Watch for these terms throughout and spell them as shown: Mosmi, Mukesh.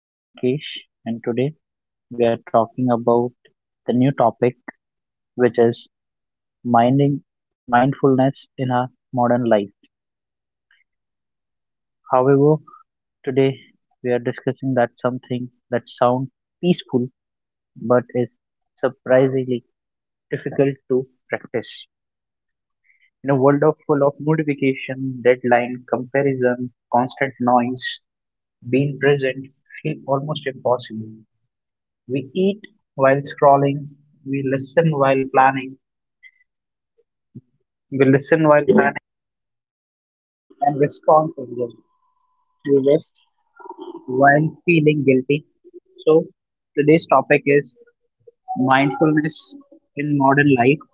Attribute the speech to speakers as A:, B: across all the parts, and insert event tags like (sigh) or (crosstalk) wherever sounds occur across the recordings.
A: My name is Mukesh, and today we are talking about the new topic, which is minding mindfulness in our modern life. However, today we are discussing that something that sounds peaceful but is surprisingly difficult to practice. In a world of full of notification, deadline, comparison, constant noise, being present feel almost impossible. We eat while scrolling, we listen while planning, we listen while planning and respond to them. We rest while feeling guilty. So today's topic is mindfulness in modern life.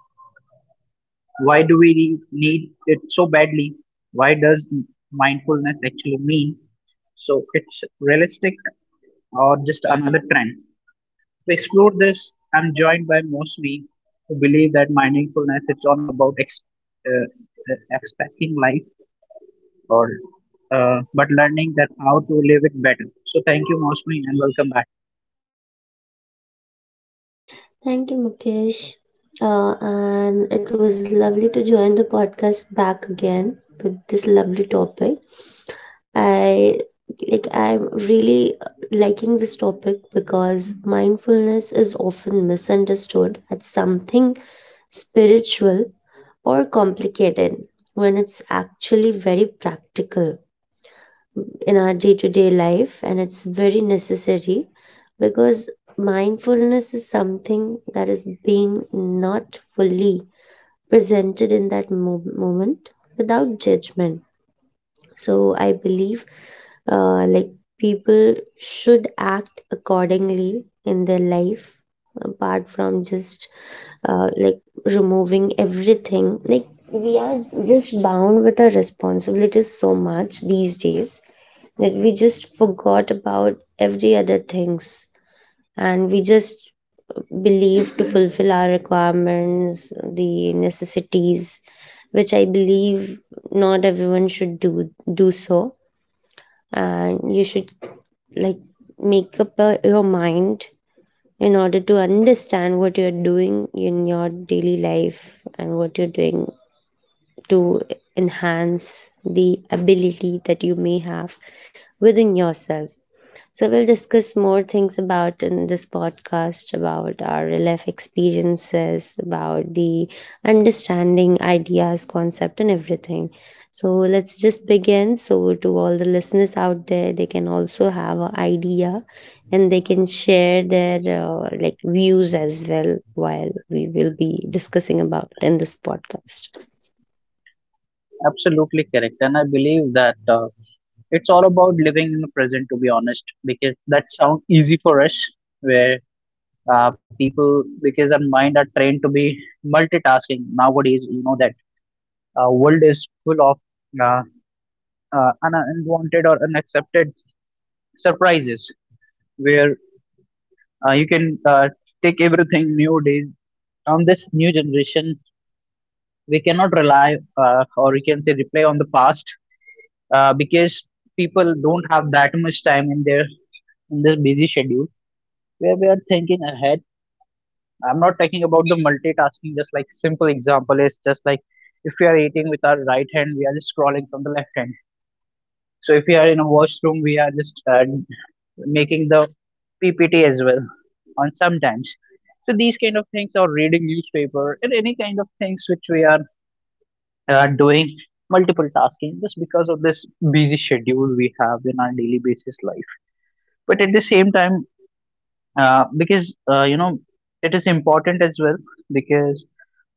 A: Why do we need it so badly? Why does mindfulness actually mean? So it's realistic or just another trend? To explore this, I'm joined by Mosmi, who believe that mindfulness is all about expecting life or but learning that how to live it better. So thank you, Mosmi, and welcome back.
B: Thank you, Mukesh. And it was lovely to join the podcast back again with this lovely topic. I like I'm really liking this topic because mindfulness is often misunderstood as something spiritual or complicated when it's actually very practical in our day to day life, and it's very necessary because mindfulness is something that is being not fully presented in that moment without judgment. So, I believe like people should act accordingly in their life apart from just like removing everything, like we are just bound with our responsibilities so much these days that we just forgot about every other things, and we just believe to fulfill our requirements, the necessities, which I believe not everyone should do so. And you should, like, make up your mind in order to understand what you're doing in your daily life, and what you're doing to enhance the ability that you may have within yourself. So we'll discuss more things about in this podcast about our real life experiences, about the understanding, ideas, concept, and everything. So let's just begin. So to all the listeners out there, they can also have an idea, and they can share their like views as well while we will be discussing about in this podcast.
A: Absolutely correct. And I believe that it's all about living in the present, to be honest, because that sounds easy for us, where people, because our mind are trained to be multitasking nowadays, you know, that world is full of uh, unwanted or unaccepted surprises where you can take everything new days on this new generation we cannot rely or you can say rely on the past because people don't have that much time in their, in this busy schedule where we are thinking ahead. I'm not talking about the multitasking. Just like simple example is just like if we are eating with our right hand we are just scrolling from the left hand. So if we are in a washroom, we are just making the PPT as well on sometimes. So these kind of things or reading newspaper and any kind of things which we are doing multiple tasking just because of this busy schedule we have in our daily basis life. But at the same time, because you know it is important as well because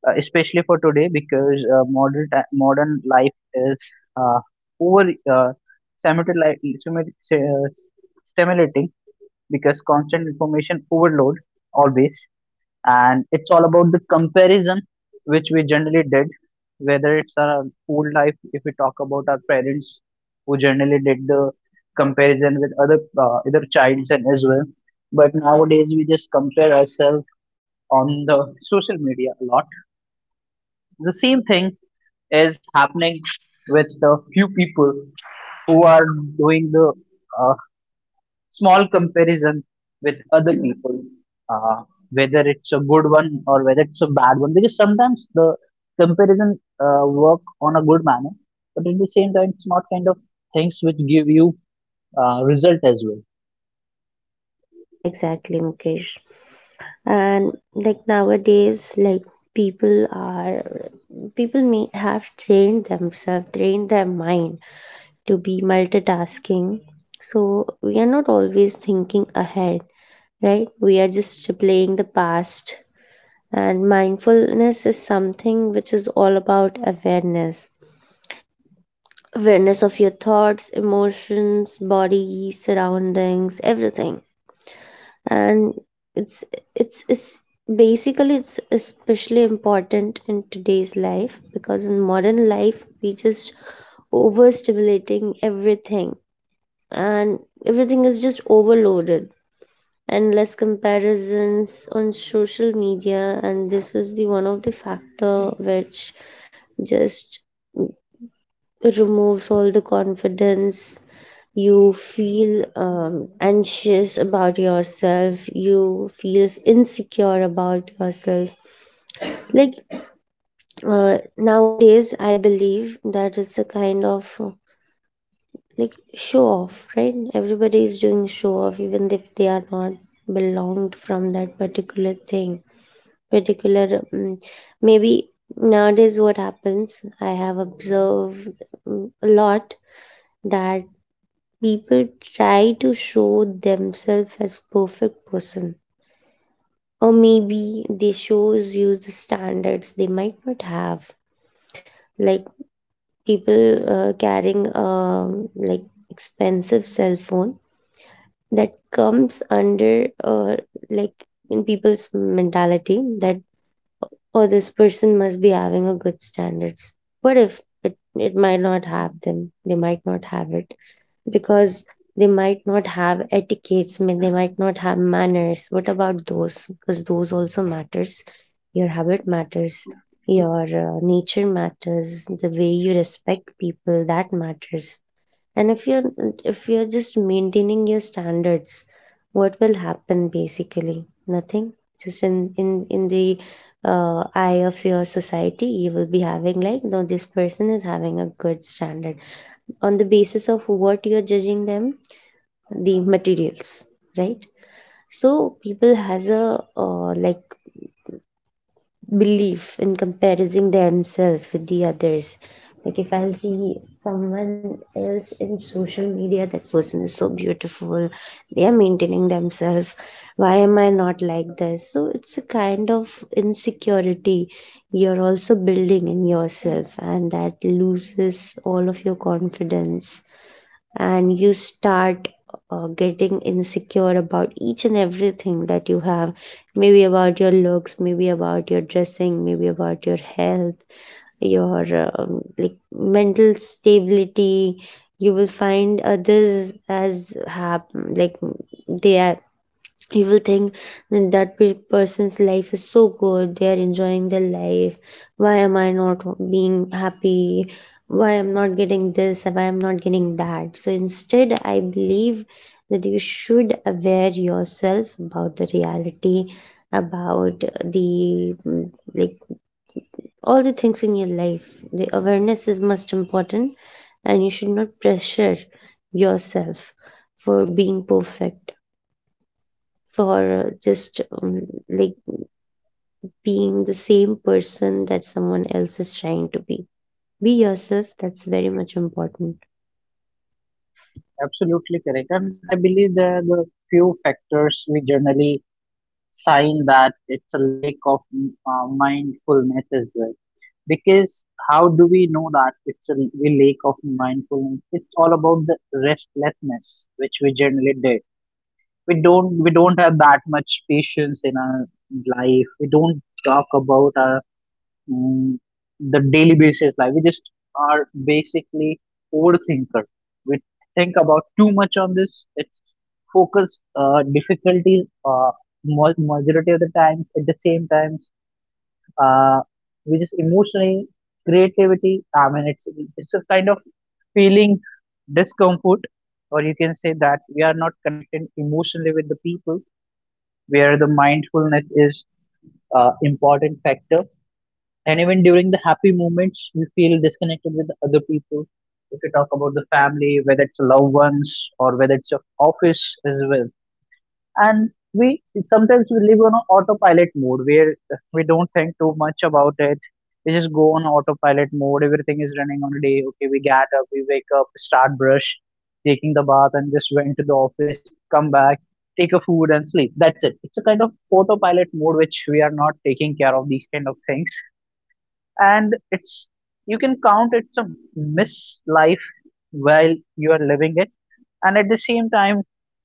A: especially for today because modern life is uh, over uh, stimulated like stimu- uh, stimulating because constant information overload always, and it's all about the comparison which we generally did, whether it's our old life. If we talk about our parents who generally did the comparison with other childs and as well, but nowadays we just compare ourselves on the social media a lot. The same thing is happening with a few people who are doing the uh, small comparison with other people, uh, whether it's a good one or whether it's a bad one. Because sometimes the comparison work on a good manner, but at the same time, it's not kind of things which give you result as well.
B: Yeah, exactly, Mukesh. And like nowadays, like people are people may have trained themselves, trained their mind to be multitasking. So we are not always thinking ahead, right? We are just replaying the past. And mindfulness is something which is all about awareness. Awareness of your thoughts, emotions, body, surroundings, everything. And it's it's basically it's especially important in today's life, because in modern life we just overstimulating everything, and everything is just overloaded, endless comparisons on social media, and this is the one of the factor which just removes all the confidence. You feel anxious about yourself, you feels insecure about yourself. Like, nowadays I believe that it's a kind of like show off, right? Everybody is doing show off even if they are not belonged from that particular thing, particular, maybe. Nowadays what happens, I have observed, a lot, that people try to show themselves as perfect person. Or maybe they shows use the standards they might not have. Like, people carrying, like, expensive cell phone, that comes under, like, in people's mentality that, oh, this person must be having a good standards. What if it, it might not have them? They might not have it because they might not have etiquettes, they might not have manners. What about those? Because those also matters. Your habit matters, your nature matters, the way you respect people, that matters. And if you're, if you're just maintaining your standards, what will happen? Basically nothing. Just in the eye of your society, you will be having like, no, this person is having a good standard. On the basis of what you're judging them? The materials, right? So people has a like belief in comparing themselves with the others. Like, if I'll see someone else in social media, that person is so beautiful, they are maintaining themselves, why am I not like this? So it's a kind of insecurity you're also building in yourself, and that loses all of your confidence. And you start getting insecure about each and everything that you have, maybe about your looks, maybe about your dressing, maybe about your health, your like mental stability. You will find others as have, like, they are, you will think that, that person's life is so good, they are enjoying their life. Why am I not being happy? Why I'm not getting this? Why I'm not getting that? So instead I believe that you should aware yourself about the reality, about the, like, all the things in your life. The awareness is most important, and you should not pressure yourself for being perfect, for just, like, being the same person that someone else is trying to be. Be yourself, that's very much important.
A: Absolutely correct. And I believe there are the few factors we generally sign that it's a lack of mindfulness as well. Because how do we know that it's a real lack of mindfulness? It's all about the restlessness which we generally did. We don't have that much patience in our life. We don't talk about our mm, the daily basis life. We just are basically overthinker. We think about too much on this. It's focus difficulties majority of the times. At the same time, uh, which is emotionally creativity. I mean, it's a kind of feeling discomfort, or you can say that we are not connected emotionally with the people, where the mindfulness is important factor. And even during the happy moments, you feel disconnected with other people. If you talk about the family, whether it's loved ones or whether it's your office as well. And we sometimes we live on a autopilot mode where we don't think too much about it. We just go on autopilot mode. Everything is running on a day. Okay, we get up, we wake up, start brush, taking the bath and just went to the office, come back, take a food and sleep. That's it. It's a kind of autopilot mode which we are not taking care of these kind of things. And it's, you can count, it's a miss life while you are living it. And at the same time,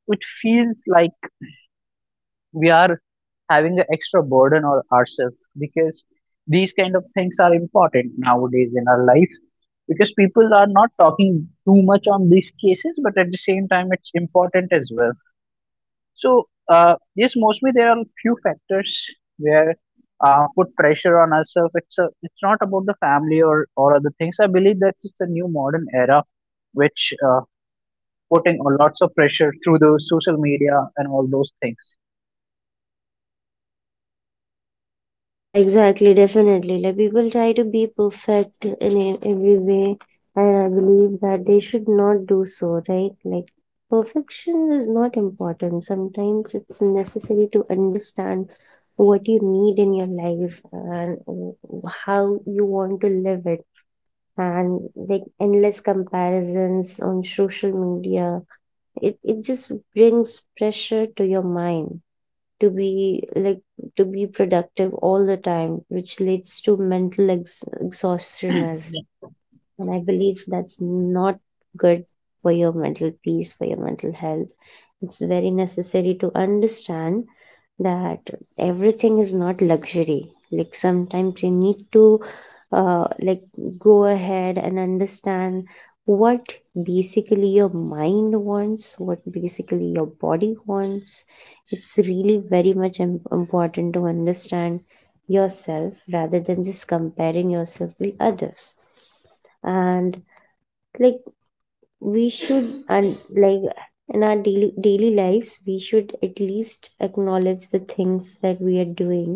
A: it feels like we are having an extra burden on ourselves because these kind of things are important nowadays in our life, because people are not talking too much on these cases, but at the same time, it's important as well. So yes, mostly there are few factors where put pressure on ourselves. It's not about the family or other things. I believe that it's a new modern era which putting on lots of pressure through the social media and all those things. (clears throat)
B: Yeah, exactly, definitely, like people try to be perfect in every way, and I believe that they should not do so, right? Like, perfection is not important, sometimes it's necessary to understand what you need in your life, and how you want to live it. And, like, endless comparisons on social media, it just brings pressure to your mind to be like, to be productive all the time, which leads to mental exhaustion, as and I believe that's not good for your mental peace, for your mental health. It's very necessary to understand that everything is not luxury. Like, sometimes you need to, like, go ahead and understand what basically your mind wants, what basically your body wants. It's really very much important to understand yourself rather than just comparing yourself with others. And, like, we should, and like, in our daily lives we should at least acknowledge the things that we are doing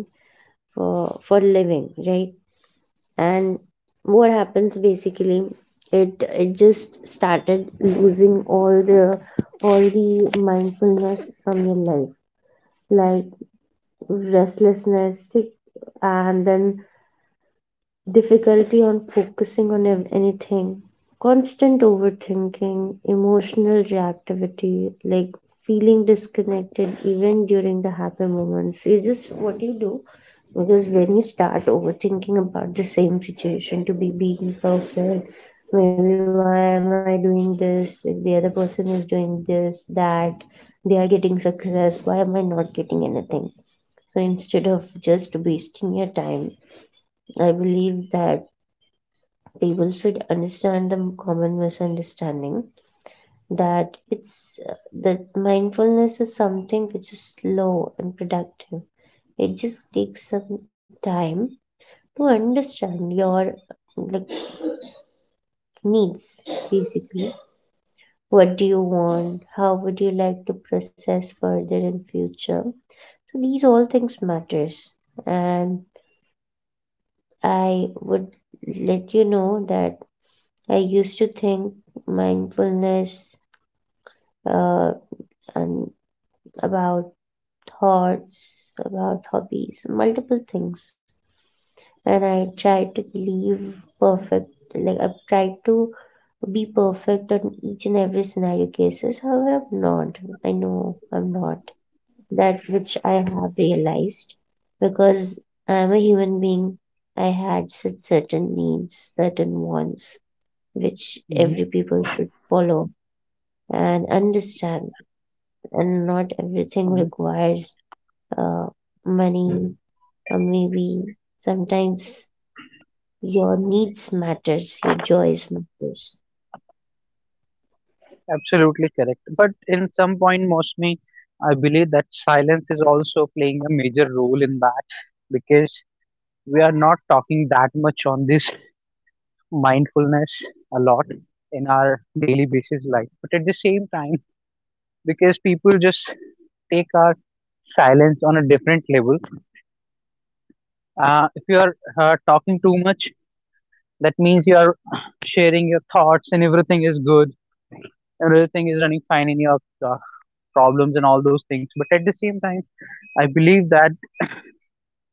B: for living, right? And what happens basically, it just started losing all the, all the mindfulness from your life. Like, restlessness, like, and then difficulty on focusing on anything, constant overthinking, emotional reactivity, like feeling disconnected even during the happy moments. You just, what you do, because when you start overthinking about the same situation to be being perfect, maybe, why am I doing this? If the other person is doing this, that they are getting success, why am I not getting anything? So instead of just wasting your time, I believe that people should understand the common misunderstanding, that it's that mindfulness is something which is slow and productive. It just takes some time to understand your, like, needs, basically. What do you want? How would you like to process further in future? So these all things matters. And I would let you know that I used to think mindfulness, uh, and about thoughts, about hobbies, multiple things. And I tried to believe perfect, like I've tried to be perfect on each and every scenario cases. However, I'm not. I know I'm not. That which I have realized, because I'm a human being. I had such certain needs, certain wants, which
A: Mhm.
B: every people should follow and understand. And not everything
A: Mhm.
B: requires uh, money, or maybe sometimes your needs matters, your joys matters.
A: Absolutely correct. But in some point, mostly, I believe that silence is also playing a major role in that, because we are not talking that much on this mindfulness a lot in our daily basis life. But at the same time, because people just take our silence on a different level. If you are talking too much, that means you are (clears throat) sharing your thoughts and everything is good, everything is running fine in your uh, problems and all those things. But at the same time, I believe that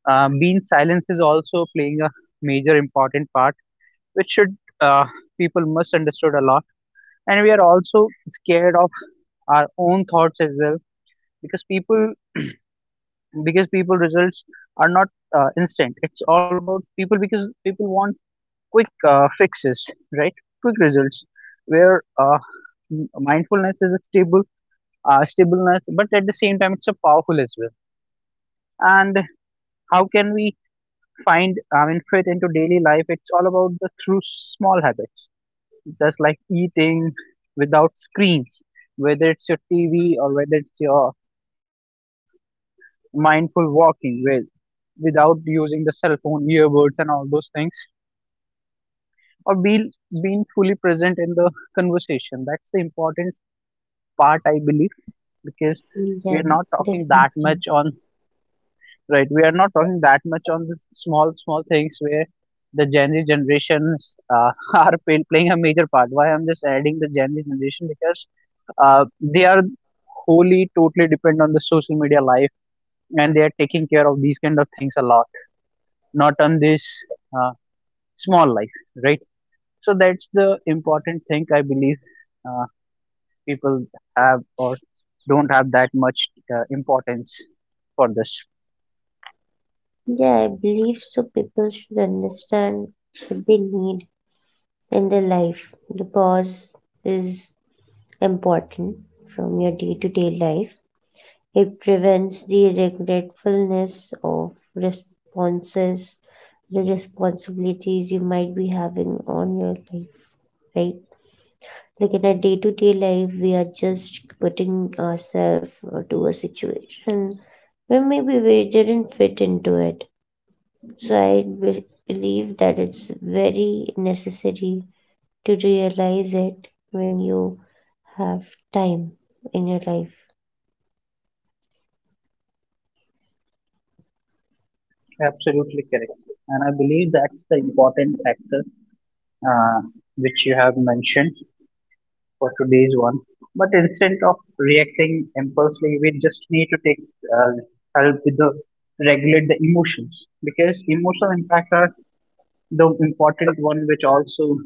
A: being silent is also playing a major important part, which should people misunderstood a lot. And we are also scared of our own thoughts as well, because people results are not instant. It's all about people, because people want quick fixes, right? Quick results, where mindfulness is a stableness, but at the same time, it's a powerful as well. And how can we find, I mean, fit into daily life? It's all about the through small habits, just like eating without screens, whether it's your TV or whether it's your cell phone, mindful walking with without using the cell phone earbuds and all those things, or being fully present in the conversation. That's the important part, I believe, because we
B: Yeah.
A: are not talking
B: Definitely.
A: that much on Right, we are not talking that much on the small, small things where the Gen Z generations (laughs) are playing a major part. Why I'm just adding the Gen Z generation? Because they are wholly, totally depend on the social media life, and they are taking care of these kind of things a lot, not on this uh, small life, right? So that's the important thing, I believe, uh, people have or don't have that much importance for this.
B: Yeah, I believe so. People should understand what they need in their life. The pause is important from your day to day life. It prevents the regretfulness of responses, the responsibilities you might be having on your life, right? Like, in our day to day life, we are just putting ourselves to a situation where maybe we didn't fit into it. So I believe that it's very necessary to realize it when you have time in your life.
A: Absolutely correct. And I believe that's the important factor uh, which you have mentioned for today's one. But instead of reacting impulsively, we just need to take help with the regulate the emotions, because emotional impact are the important one which also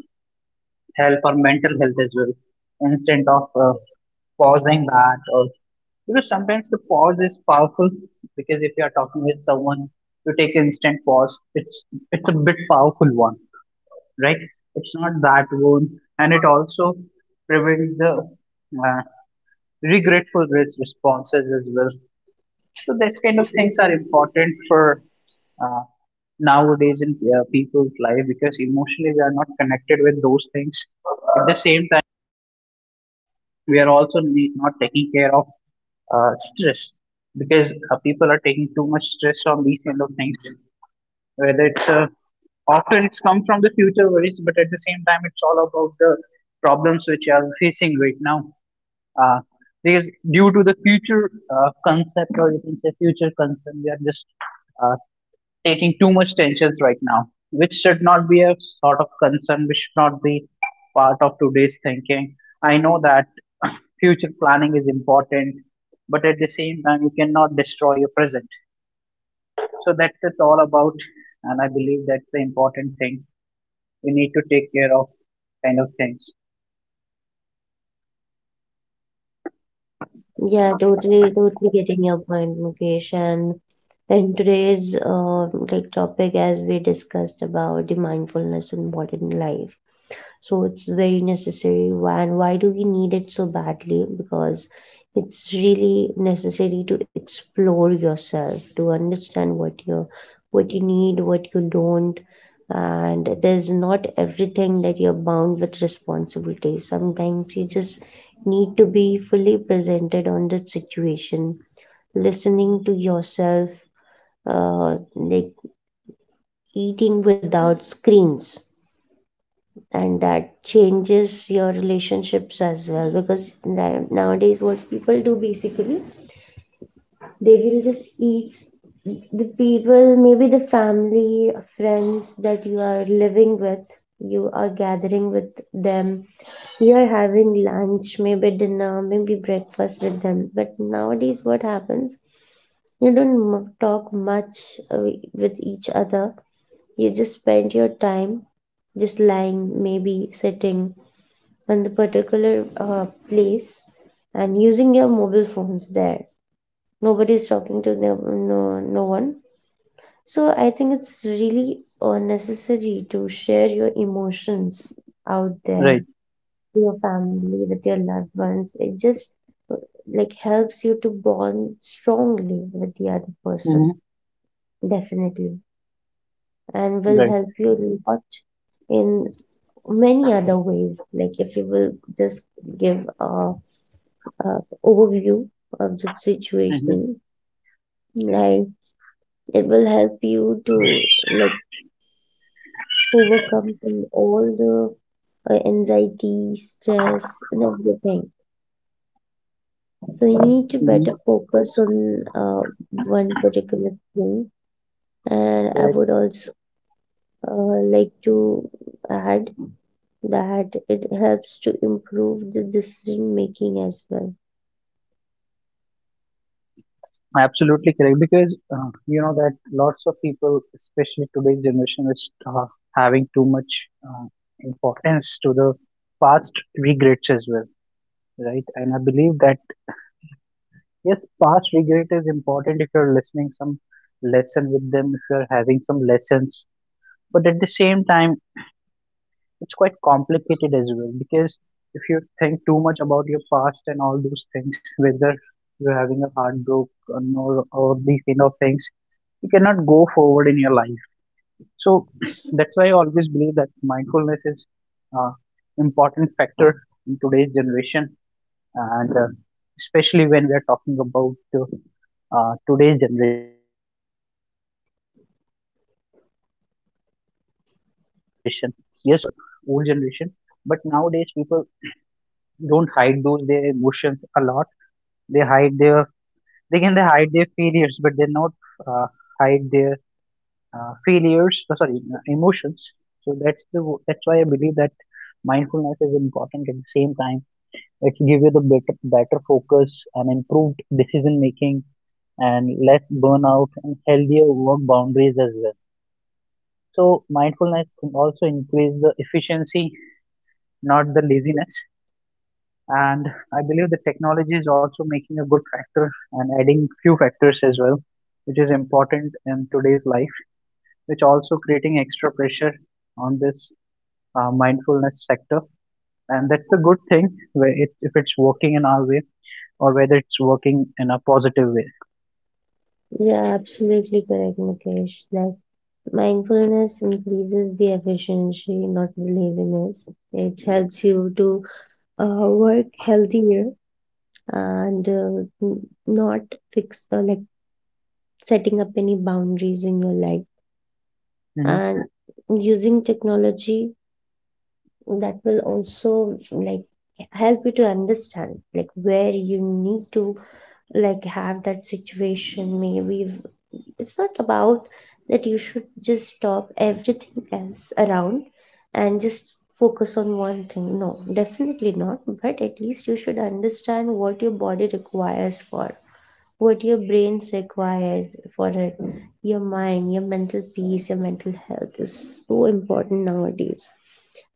A: help our mental health as well. Instead of pausing that, or because sometimes the pause is powerful, because if you are talking with someone, you take instant pause. It's a bit powerful one, right? It's not that one, and it also prevents the uh, responses as well. So that kind of things are important for uh, nowadays in people's life, because emotionally we are not connected with those things. At the same time, we are also not taking care of stress, because people are taking too much stress on these kind of things, whether it's a, often it's come from the future worries, but at the same time, it's all about the problems which you are facing right now. Uh, because due to the future concept, or you can say future concern, we are just uh, taking too much tensions right now, which should not be a sort of concern, which should not be part of today's thinking. I know that (coughs) (clears throat) future planning is important, but at the same time, you cannot destroy your present. So that's it's all about, and I believe that's the important thing we need to take care of kind of things.
B: Yeah, totally, totally getting your point, Mukesh. And today's, like, topic, as we discussed about the mindfulness in modern life, so it's very necessary. Why? And why do we need it so badly? Because it's really necessary to explore yourself, to understand what you need, what you don't, and there's not everything that you're bound with responsibility. Sometimes you just need to be fully presented on that situation, listening to yourself, like eating without screens, and that changes your relationships as well. Because nowadays what people do basically, they will just eat, the people, maybe the family, friends that you are living with, you are gathering with them, you are having lunch, maybe dinner, maybe breakfast with them, but nowadays what happens, you don't talk much with each other. You just spend your time just lying, maybe sitting on the particular place and using your mobile phones there. Nobody's talking to them, no, no one. So I think it's really necessary to share your emotions out there
A: Right.
B: with your family, with your loved ones. It just, uh, like, helps you to bond strongly with the other person.
A: Mhm.
B: Definitely. And will
A: Right.
B: help you a lot in many other ways. Like, if you will just give a overview of the
A: Hmm.
B: situation, like, it will help you to, like, overcome from all the anxiety, stress, and everything. So you need to
A: Hmm.
B: better focus on one particular thing. And I
A: Correct.
B: would also, like, to add that it helps to improve the decision making as well.
A: Absolutely correct. Because you know that lots of people, especially today's generation, is having too much uh, importance to the past regrets as well, right? And I believe that yes, past regret is important if you're listening some lesson with them, if you're having some lessons. But at the same time, it's quite complicated as well, because if you think too much about your past and all those things, whether you're having a heartbreak or, no- or these kind of things, you cannot go forward in your life. So (clears throat) that's why I always believe that mindfulness is uh, important factor in today's generation, and especially when we are talking about today's generation. Yes, people. Hide it better. I'm talking about the old generation. But nowadays, people don't hide those their emotions a lot. They hide their they hide their failures, but they not uh, hide their emotions. That's why I believe that mindfulness is important. At the same time, it's give you the better focus and improved decision making and less burnout and healthier work boundaries as well. So mindfulness can also increase the efficiency, not the laziness. And I believe the technology is also making a good factor and adding few factors as well, which is important in today's life, which also creating extra pressure on this mindfulness sector. And that's a good thing where it, if it's working in our way or whether it's working in a positive way.
B: Yeah, absolutely correct, Mukesh. Like, mindfulness increases the efficiency, not the laziness. It helps you to work healthier and not fix, like, setting up any boundaries in your life,
A: hmm
B: and using technology that will also, like, help you to understand, like, where you need to, like, have that situation, maybe, it's not about that you should just stop everything else around and just focus on one thing. No, definitely not. But at least you should understand what your body requires for, what your brains requires for it, your mind, your mental peace, your mental health is so important nowadays.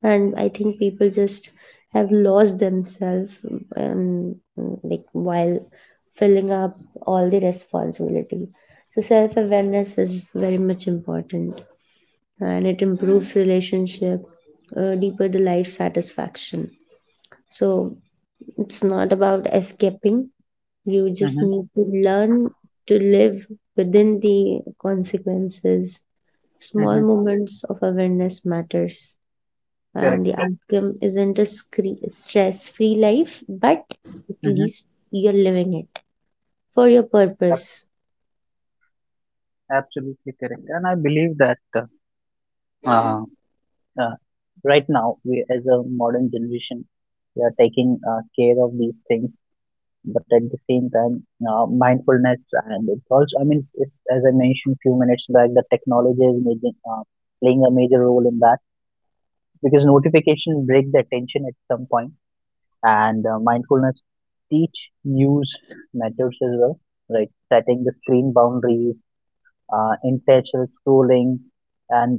B: And I think people just have lost themselves, um, like, while filling up all the responsibility. So self awareness is very much important, and it improves relationship, deeper the life satisfaction. So it's not about escaping. You just
A: hmm
B: need to learn to live within the consequences. Small
A: hmm
B: moments of awareness matters, and the
A: Correct.
B: outcome isn't a stress-free life, but at
A: hmm
B: least you're living it for your purpose.
A: Absolutely correct. And I believe that uh, uh, right now we as a modern generation we are taking care of these things, but at the same time, mindfulness, and it's also, I mean, it's, as I mentioned few minutes back, the technology is playing a major role in that because notification break the attention at some point, and mindfulness teach use methods as well, like setting the screen boundaries, intentional scrolling, and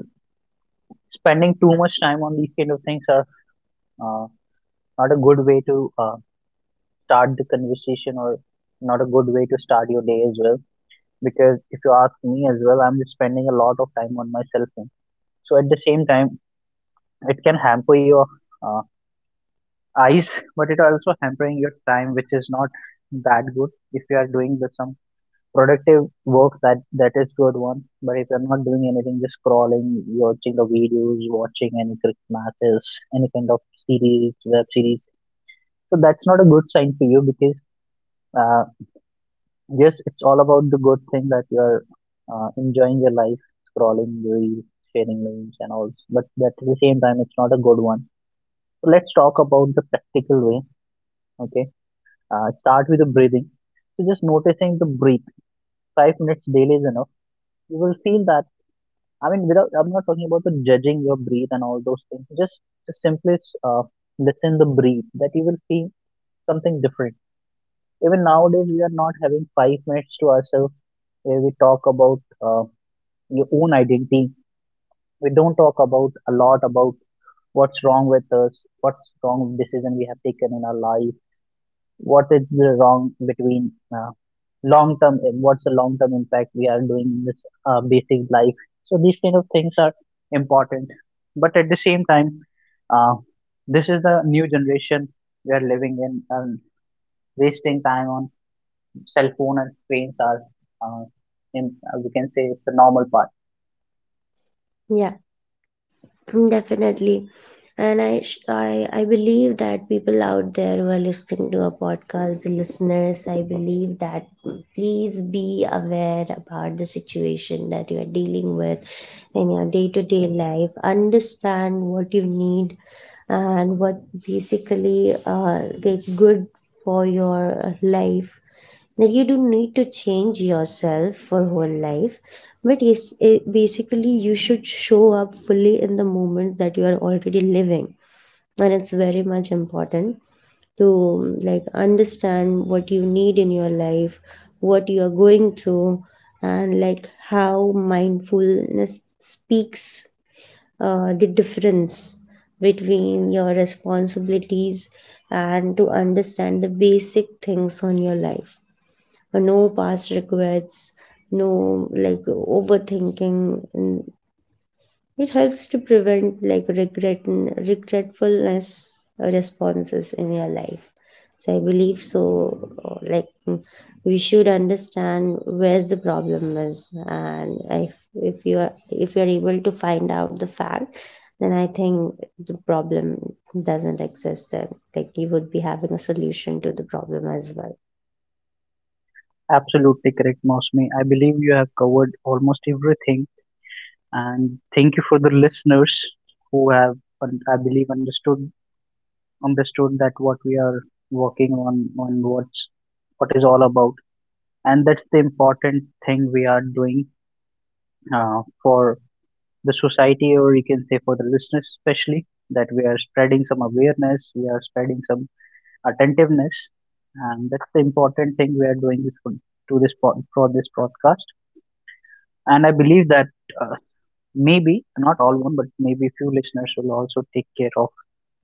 A: spending too much time on these kind of things are uh, not a good way to start the conversation, or not a good way to start your day as well. Because if you ask me as well, I'm just spending a lot of time on my cell phone. So at the same time, it can hamper your uh, eyes (laughs) but it also hampering your time, which is not that good. If you are doing the, some productive work, that is good one. But if you're not doing anything, just scrolling, watching the videos, watching any cricket matches, any kind of series, web series, so that's not a good sign for you. Because uh, yes, it's all about the good thing that you are enjoying your life, scrolling reels, sharing memes, and all. But at the same time, it's not a good one. So let's talk about the practical way. Okay, start with the breathing. So just noticing the breathe. 5 minutes daily is enough. You will feel that. I mean, without I'm not talking about the judging your breathe and all those things. Just simply uh, listen the breathe. That you will feel something different. Even nowadays, we are not having 5 minutes to ourselves where we talk about. Uh, your own identity. We don't talk about a lot about what's wrong with us, what's wrong decision we have taken in our life, what is the wrong between long term, what's the long term impact we are doing in this basic life. So these kind of things are important, but at the same time, uh, this is the new generation we are living in, and wasting time on cell phone and screens are. Uh, we can say it's a normal part.
B: Yeah, definitely. And I believe that people out there who are listening to a podcast, the listeners, I believe that please be aware about the situation that you are dealing with in your day to day life. Understand what you need and what basically get good for your life, that you don't need to change yourself for whole life, but yes, it, basically you should show up fully in the moment that you are already living. And it's very much important to, like, understand what you need in your life, what you are going through, and like how mindfulness speaks, the difference between your responsibilities and to understand the basic things on your life. No past regrets, no, like, overthinking, it helps to prevent, like, regretfulness responses in your life. So I believe so. Like, we should understand where's the problem is, and if you're able to find out the fact, then I think the problem doesn't exist. Then, like, you would be having a solution to the problem as well.
A: Absolutely correct, Mosmi. I believe you have covered almost everything, and thank you for the listeners who have, I believe, understood that what we are working on on what is all about, and that's the important thing we are doing for the society, or you can say for the listeners, especially that we are spreading some awareness, we are spreading some attentiveness, and that's the important thing we are doing this for, to for this podcast. And I believe that uh, maybe not all one, but maybe few listeners will also take care of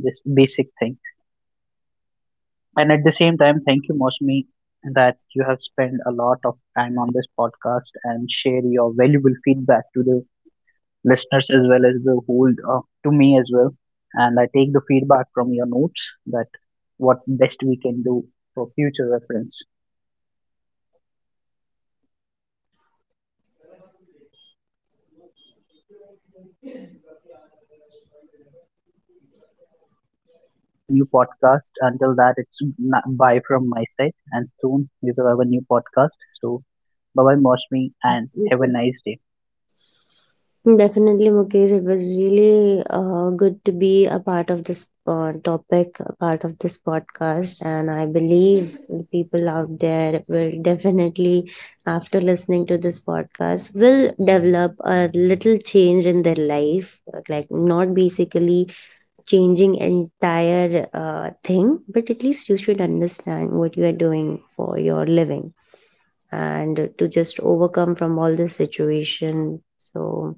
A: this basic thing. And at the same time, thank you, Mosmi, that you have spent a lot of time on this podcast and share your valuable feedback to the listeners as well as the whole, to me as well. And I take the feedback from your notes that what best we can do for future reference. And until that, we will have a new podcast. Until that, bye from my side. And soon we will have a new podcast. So bye bye, Mosmi, and have a
B: Uh,
A: nice day.
B: Definitely, Mukesh. It was really good to be a part of this topic, a part of this podcast. And I believe the people out there will definitely, after listening to this podcast, will develop a little change in their life. Like, not basically changing entire thing, but at least you should understand what you are doing for your living, and to just overcome from all this situation. So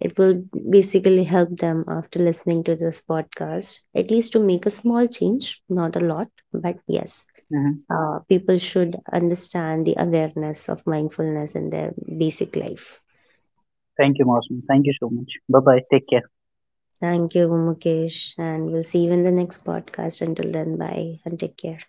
B: it will basically help them after listening to this podcast, at least to make a small change, not a lot, but yes,
A: hmm
B: people should understand the awareness of mindfulness in their basic life.
A: Thank you, Mosmi. Thank you so much. Bye bye. Take care.
B: Thank you, Mukesh, and we'll see you in the next podcast. Until then, bye and take care.